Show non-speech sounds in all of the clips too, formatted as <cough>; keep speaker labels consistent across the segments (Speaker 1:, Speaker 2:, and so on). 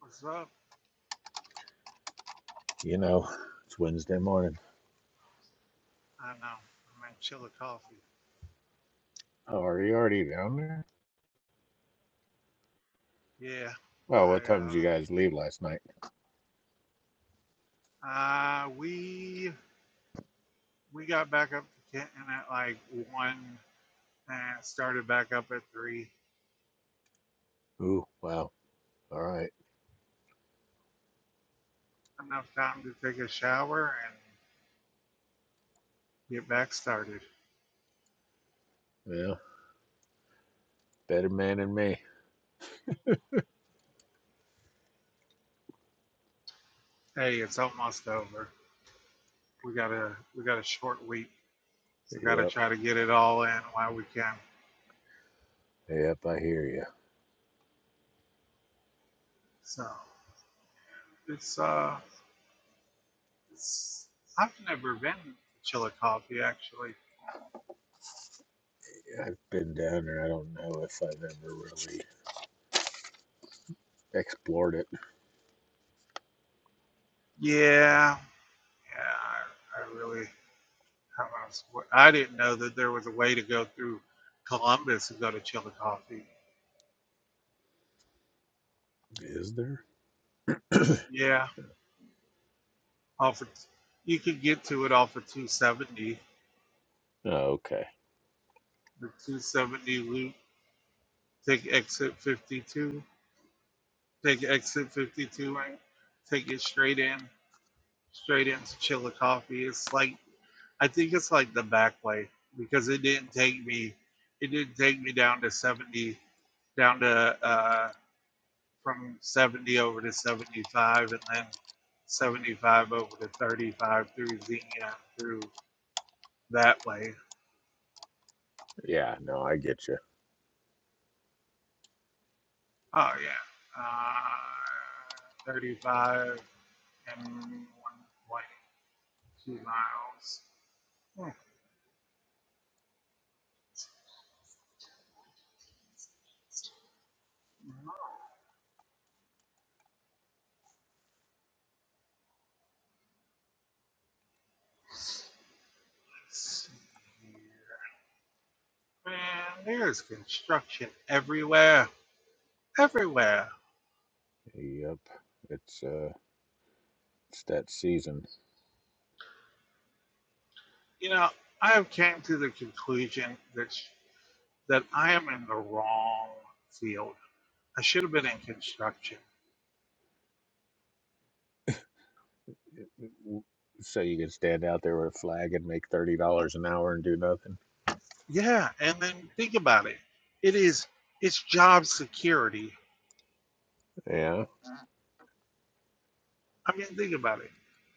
Speaker 1: What's up?
Speaker 2: You know, it's Wednesday morning.
Speaker 1: I know. I'm at Chilla Coffee.
Speaker 2: Oh, are you already down there?
Speaker 1: Yeah,
Speaker 2: Well,
Speaker 1: I
Speaker 2: what time did you
Speaker 1: uh,
Speaker 2: guys leave last night?
Speaker 1: uh, we we got back up to Kenton at like one and started back up at three.
Speaker 2: Ooh, wow. All right.
Speaker 1: Enough time to take a shower and get back started.
Speaker 2: Well, better man than me.
Speaker 1: Hey, it's almost over. We got a we got a short week, so gotta
Speaker 2: Yep,
Speaker 1: try to get it all in while we can.
Speaker 2: yep, I hear you.
Speaker 1: So it's uh, it's I've never been to Chilla Coffee actually.
Speaker 2: Yeah, I've been down there. I don't know if I've ever really explored it.
Speaker 1: Yeah, yeah, I, I really How I swear- I didn't know that there was a way to go through Columbus and go to Chillicothe.
Speaker 2: Is there?
Speaker 1: Yeah, off of, you can get to it off of 270,
Speaker 2: Oh, okay.
Speaker 1: the 270 loop. Take exit 52. Take exit 52 and take it straight in, straight into Chillicothe. It's like I think it's like the back way because it didn't take me, it didn't take me down to 70, down to uh, from 70 over to 75 and then 75 over to 35 through Xenia through that way.
Speaker 2: Yeah, no, I get you.
Speaker 1: Oh, yeah. Uh, 35 and 1.2 miles. Hmm. Let's see here. Man, there's construction everywhere. Everywhere.
Speaker 2: Yep, it's uh, it's that season.
Speaker 1: You know, I have came to the conclusion that, sh- that I am in the wrong field I should have been in construction.
Speaker 2: So you can stand out there with a flag and make thirty dollars an hour and do nothing.
Speaker 1: Yeah, and then think about it. It is it's job security.
Speaker 2: Yeah.
Speaker 1: I mean, think about it.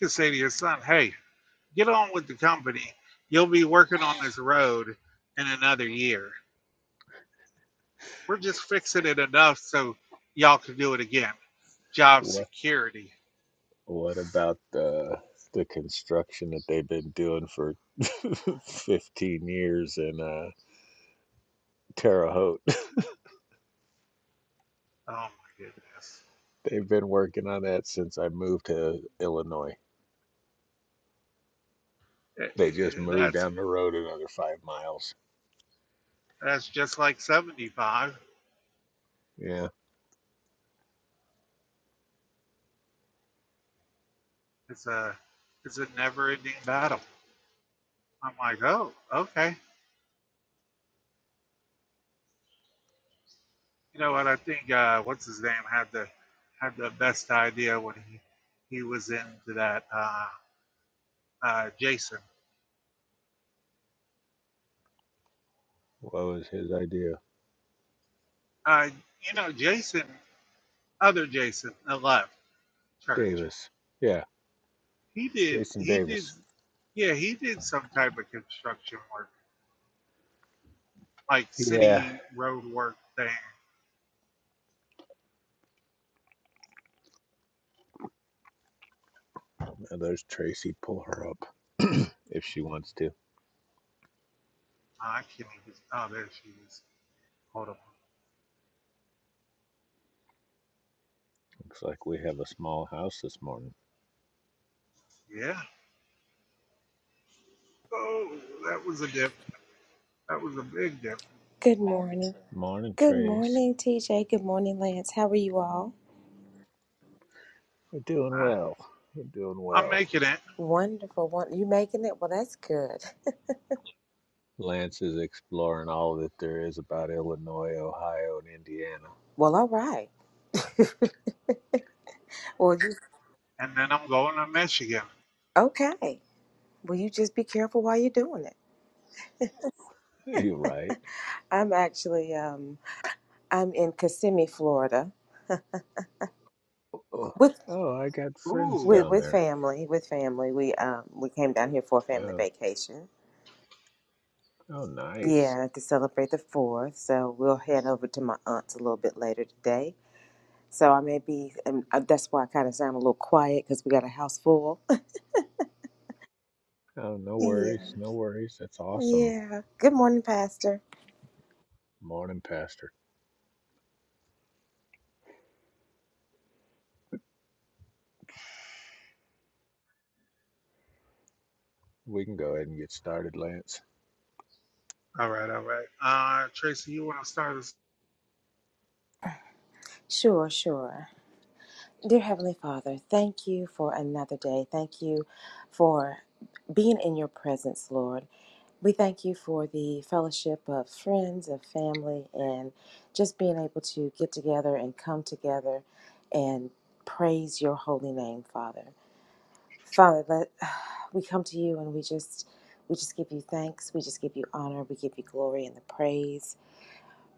Speaker 1: You can say to your son, "Hey, get on with the company. You'll be working on this road in another year. We're just fixing it enough so y'all can do it again." Job
Speaker 2: What?
Speaker 1: security.
Speaker 2: What about the the construction that they've been doing for <laughs> 15 years in uh, Terre Haute? <laughs>
Speaker 1: Oh my goodness,
Speaker 2: They've been working on that since I moved to Illinois.
Speaker 1: Eh,
Speaker 2: They just
Speaker 1: eh, eh,
Speaker 2: moved
Speaker 1: that's
Speaker 2: down the road another five miles.
Speaker 1: that's just like seventy five.
Speaker 2: Yeah,
Speaker 1: It's a it's a never ending battle. I'm like, oh, okay. You know what? I think uh, what's his name had the had the best idea when he he was into that uh, uh, Jason.
Speaker 2: what was his idea?
Speaker 1: Uh, you know, Jason, other Jason that left church.
Speaker 2: Davis. Yeah,
Speaker 1: He did
Speaker 2: Jason
Speaker 1: he did
Speaker 2: Davis.
Speaker 1: yeah he did some type of construction work like
Speaker 2: Yeah,
Speaker 1: city road work thing.
Speaker 2: now there's Tracy. Pull her up <clears throat> if she wants to.
Speaker 1: I can't even. Oh, there she is. Hold on.
Speaker 2: Looks like we have a small house this morning.
Speaker 1: Yeah. Oh, that was a dip. That was a big dip.
Speaker 3: Good morning.
Speaker 2: Morning,
Speaker 3: Good
Speaker 2: Trace.
Speaker 3: morning, TJ. Good morning, Lance. How are you all?
Speaker 2: We're doing
Speaker 1: Ah,
Speaker 2: well. We're doing
Speaker 1: I'm
Speaker 2: well.
Speaker 1: making it,
Speaker 3: Wonderful. Won- You making it? Well, that's good.
Speaker 2: Lance is exploring all that there is about Illinois, Ohio, and Indiana.
Speaker 3: Well, all right. Well, you,
Speaker 1: and then I'm going to Michigan.
Speaker 3: okay. Well, you just be careful while you're doing it.
Speaker 2: You're right.
Speaker 3: I'm actually, um, I'm in Kissimmee, Florida,
Speaker 2: Oh,
Speaker 3: with
Speaker 2: oh, I got friends
Speaker 3: with
Speaker 1: Ooh.
Speaker 2: down
Speaker 3: with
Speaker 2: there.
Speaker 3: family. With family, we um we came down here for a family
Speaker 2: Oh,
Speaker 3: vacation.
Speaker 2: oh, nice.
Speaker 3: Yeah, to celebrate the fourth. So we'll head over to my aunt's a little bit later today. So I may be, and uh, that's why I kind of sound a little quiet because we got a house full.
Speaker 2: Oh, no
Speaker 3: Yeah,
Speaker 2: worries, no worries. That's awesome.
Speaker 3: yeah. Good morning, Pastor.
Speaker 2: Morning, Pastor. We can go ahead and get started, Lance.
Speaker 1: All right, all right. Uh, Tracy, you want to start us?
Speaker 3: Sure, sure. Dear Heavenly Father, thank you for another day. Thank you for being in your presence, Lord. We thank you for the fellowship of friends, of family, and just being able to get together and come together and praise your holy name, Father. Father, let <sighs> we come to you and we just we just give you thanks, we just give you honor, we give you glory and the praise.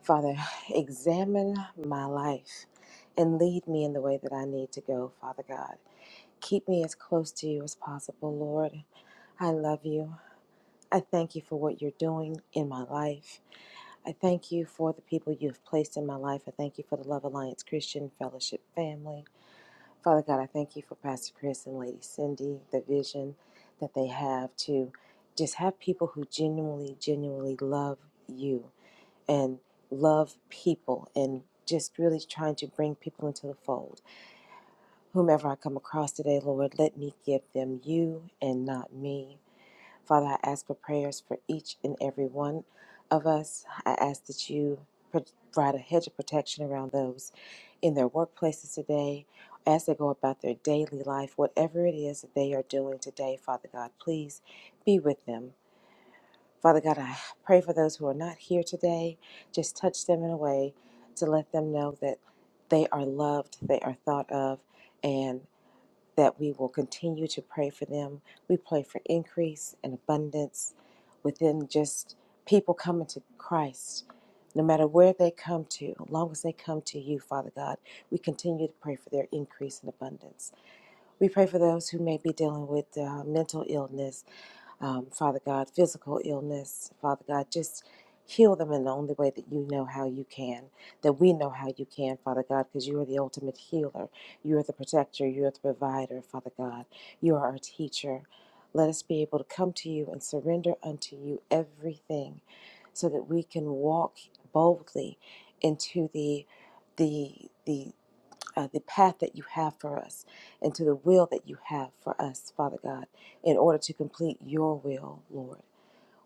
Speaker 3: Father, examine my life and lead me in the way that I need to go, Father God. Keep me as close to you as possible, Lord. I love you. I thank you for what you're doing in my life. I thank you for the people you have placed in my life. I thank you for the Love Alliance Christian Fellowship family. Father God, I thank you for Pastor Chris and Lady Cindy, the vision that they have to just have people who genuinely, genuinely love you and love people and just really trying to bring people into the fold. Whomever I come across today, Lord, let me give them you and not me. Father, I ask for prayers for each and every one of us. I ask that you provide a hedge of protection around those in their workplaces today as they go about their daily life, whatever it is that they are doing today, Father God, please be with them. Father God, I pray for those who are not here today. Just touch them in a way to let them know that they are loved, they are thought of, and that we will continue to pray for them. We pray for increase and abundance within just people coming to Christ. No matter where they come to, as long as they come to you, Father God, we continue to pray for their increase and abundance. We pray for those who may be dealing with uh, mental illness um, Father God, physical illness, Father God, just heal them in the only way that you know how you can, that we know how you can, Father God, because you are the ultimate healer. You are the protector. You are the provider, Father God. You are our teacher. Let us be able to come to you and surrender unto you everything so that we can walk boldly into the the the uh, the path that you have for us and to the will that you have for us, Father God, in order to complete your will, Lord.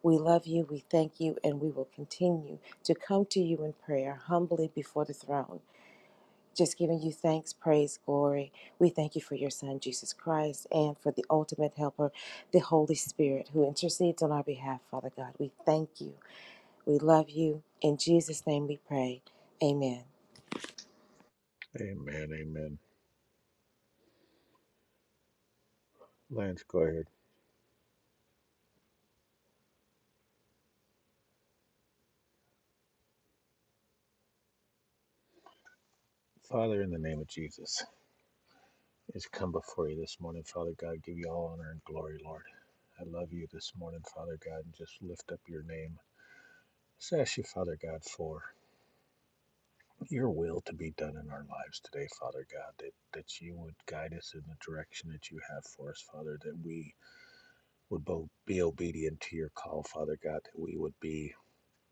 Speaker 3: We love you, we thank you, and we will continue to come to you in prayer humbly before the throne, just giving you thanks, praise, glory. We thank you for your Son, Jesus Christ, and for the ultimate helper, the Holy Spirit, who intercedes on our behalf, Father God. We thank you. We love you. In Jesus' name we pray. Amen.
Speaker 2: Amen, amen. Lance, go ahead. Father, in the name of Jesus, it's come before you this morning, Father God. Give you all honor and glory, Lord. I love you this morning, Father God, and just lift up your name. Just ask you, Father God, for your will to be done in our lives today, Father God, that, that you would guide us in the direction that you have for us, Father, that we would both be obedient to your call, Father God, that we would be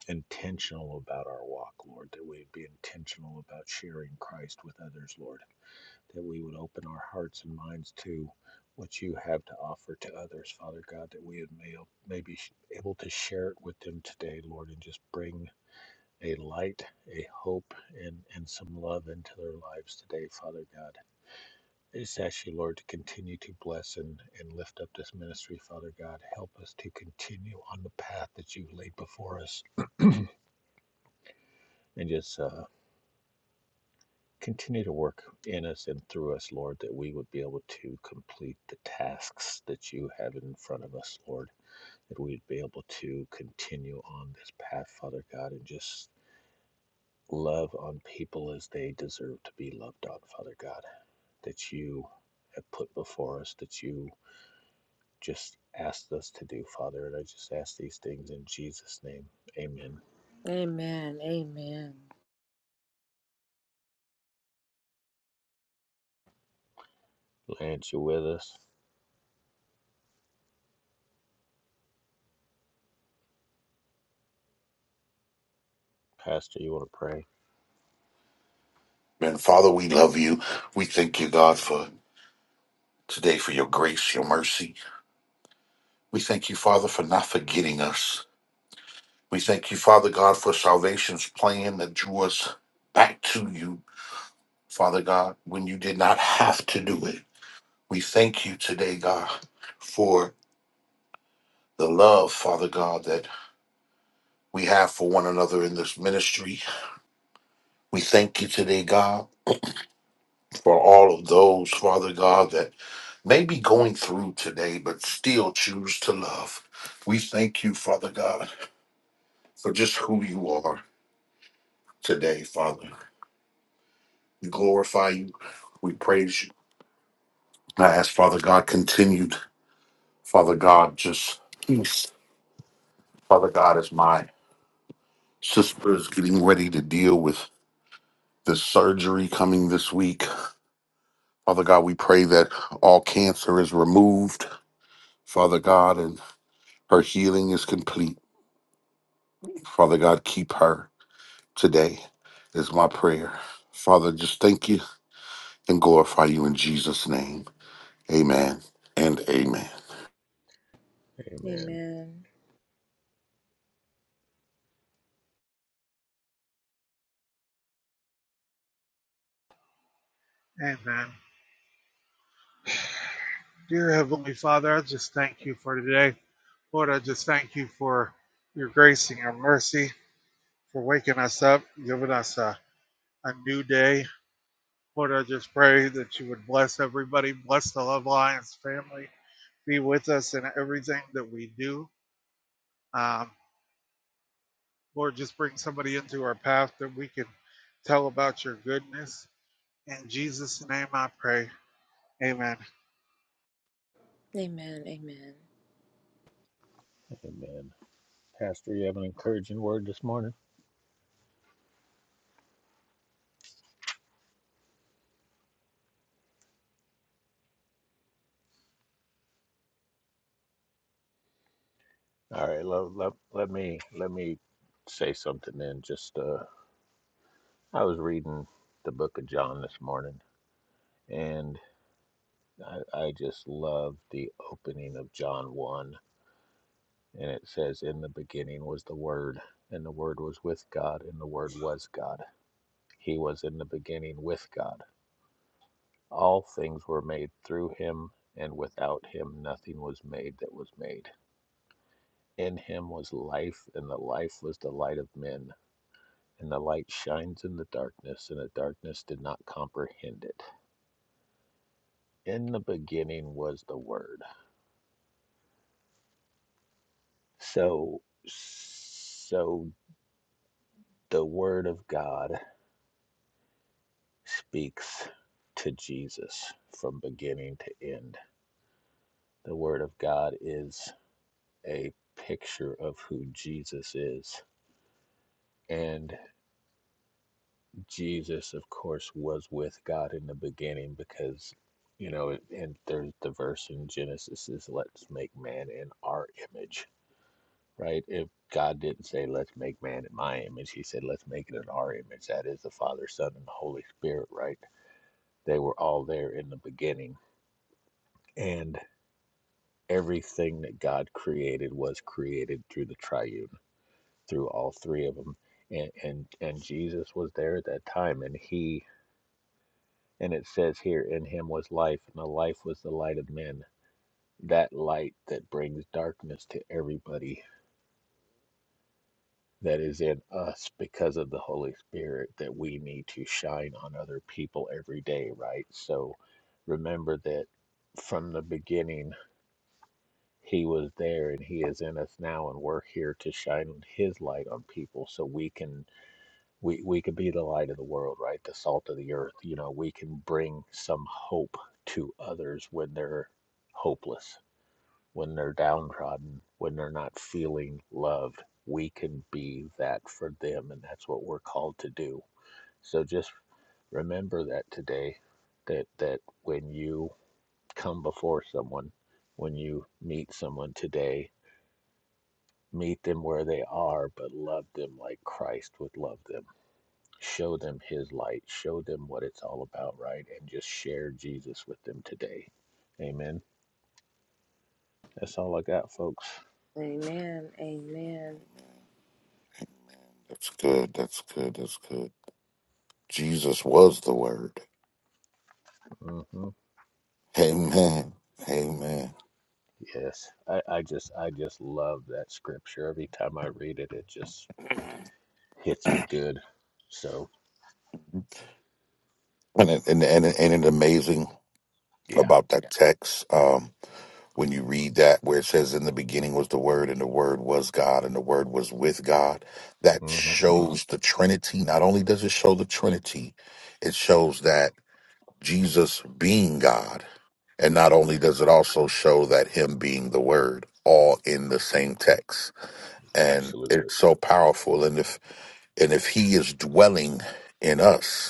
Speaker 2: intentional about our walk, Lord, that we would be intentional about sharing Christ with others, Lord, that we would open our hearts and minds to what you have to offer to others, Father God, that we would may, may be able to share it with them today, Lord, and just bring a light, a hope, and, and some love into their lives today, Father God. I just ask you, Lord, to continue to bless and, and lift up this ministry, Father God. Help us to continue on the path that you've laid before us and just uh, continue to work in us and through us, Lord, that we would be able to complete the tasks that you have in front of us, Lord, that we'd be able to continue on this path, Father God, and just love on people as they deserve to be loved on, Father God. that you have put before us, that you just asked us to do, Father. And I just ask these things in Jesus' name. Amen.
Speaker 3: Amen. Amen.
Speaker 2: Lance, you with us? Pastor, you want to pray?
Speaker 4: And Father, we love you. We thank you, God, for today, for your grace, your mercy. We thank you, Father, for not forgetting us. We thank you, Father God, for salvation's plan that drew us back to you, Father God, when you did not have to do it. We thank you today, God, for the love, Father God, that we have for one another in this ministry. We thank you today, God. for all of those, Father God, that may be going through today, but still choose to love. We thank you, Father God, for just who you are today, Father. We glorify you. We praise you. And I ask, Father God, continued, Father God, just peace. Father God, as my sister is getting ready to deal with this surgery coming this week, Father God, we pray that all cancer is removed, Father God, and her healing is complete. Father God, keep her today, is my prayer. Father, just thank you and glorify you in Jesus' name. Amen and amen.
Speaker 2: Amen.
Speaker 3: Amen.
Speaker 1: Amen. Dear Heavenly Father, I just thank you for today. Lord, I just thank you for your grace and your mercy, for waking us up, giving us a, a new day. Lord, I just pray that you would bless everybody, bless the Love Alliance family, be with us in everything that we do. Um, Lord, just bring somebody into our path that we can tell about your goodness. In Jesus' name I pray. Amen.
Speaker 3: Amen. Amen.
Speaker 2: Amen. Pastor, you have an encouraging word this morning? All right, let, let, let me let me say something then. Just uh I was reading the book of John this morning and I, I just love the opening of John 1 And it says, In the beginning was the Word, and the Word was with God, and the Word was God. He was in the beginning with God. All things were made through him, and without him nothing was made that was made. In him was life, and the life was the light of men. And the light shines in the darkness, and the darkness did not comprehend it. In the beginning was the Word. So, so the Word of God speaks to Jesus from beginning to end. The Word of God is a picture of who Jesus is. And Jesus, of course, was with God in the beginning because, you know, and there's the verse in Genesis is, let's make man in our image, right? If God didn't say, let's make man in my image, he said, let's make it in our image. That is the Father, Son, and the Holy Spirit, right? They were all there in the beginning. And everything that God created was created through the triune, through all three of them. And, and and Jesus was there at that time and he and it says here in him was life and the life was the light of men. That light that brings darkness to everybody that is in us because of the Holy Spirit that we need to shine on other people every day, right? So remember that from the beginning He was there and he is in us now and we're here to shine his light on people so we can we we could be the light of the world, right? The salt of the earth. You know, we can bring some hope to others when they're hopeless, when they're downtrodden, when they're not feeling loved. We can be that for them and that's what we're called to do. So just remember that today that that when you come before someone, when you meet someone today meet them where they are, but love them like Christ would love them. Show them His light, show them what it's all about, right? And just share Jesus with them today. Amen. That's all I got, folks.
Speaker 3: Amen. Amen.
Speaker 4: Amen. Amen. That's good. That's good. That's good. Jesus was the word.
Speaker 2: hmm
Speaker 4: Amen. Amen.
Speaker 2: Yes, I, I just, I just love that scripture. Every time I read it, it just hits me good. So,
Speaker 4: And it- and and, and it amazing
Speaker 2: yeah,
Speaker 4: about that text. um, When you read that, where it says, In the beginning was the Word, and the Word was God, and the Word was with God, that
Speaker 2: hmm
Speaker 4: shows the Trinity. Not only does it show the Trinity, it shows that Jesus being God. And not only does it also show that him being the word all in the same text. And
Speaker 2: absolutely.
Speaker 4: it's so powerful. And if and if he is dwelling in us,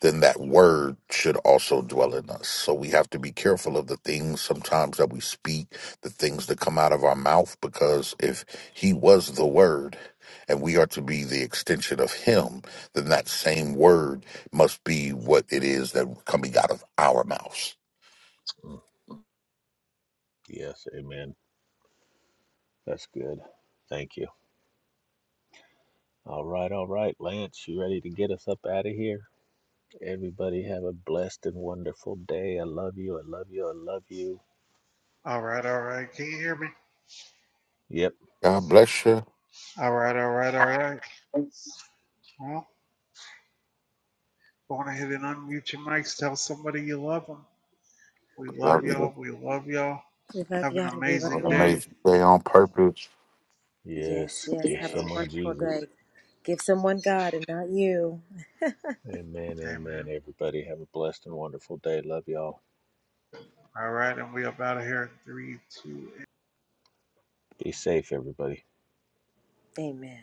Speaker 4: then that word should also dwell in us. So we have to be careful of the things sometimes that we speak, the things that come out of our mouth, because if he was the word and we are to be the extension of him, then that same word must be what it is that coming out of our mouths.
Speaker 2: Mm. Yes, amen. That's good. Thank you. All right, all right, Lance, you ready to get us up out of here? Everybody have a blessed and wonderful day. I love you. I love you. I love you.
Speaker 1: All right, all right. Can you hear me?
Speaker 2: Yep.
Speaker 4: God bless you.
Speaker 1: All right, all right, all right. Well, go on ahead and unmute your mics. Tell somebody you love them. We love
Speaker 4: Love
Speaker 1: y'all.
Speaker 4: you.
Speaker 1: We love y'all.
Speaker 3: We love
Speaker 1: Have an
Speaker 3: y'all. We love
Speaker 4: Have
Speaker 1: amazing
Speaker 4: an
Speaker 3: y'all.
Speaker 1: day.
Speaker 4: amazing day on purpose.
Speaker 3: Yes,
Speaker 2: Yes.
Speaker 3: yes.
Speaker 2: Give
Speaker 3: Have a
Speaker 2: someone
Speaker 3: wonderful
Speaker 2: Jesus.
Speaker 3: day. Give someone God and not you.
Speaker 2: Amen. Amen.
Speaker 1: Amen.
Speaker 2: Everybody have a blessed and wonderful day. Love y'all.
Speaker 1: All right, and we up out of here. Three, two,
Speaker 2: Be safe, everybody.
Speaker 3: Amen.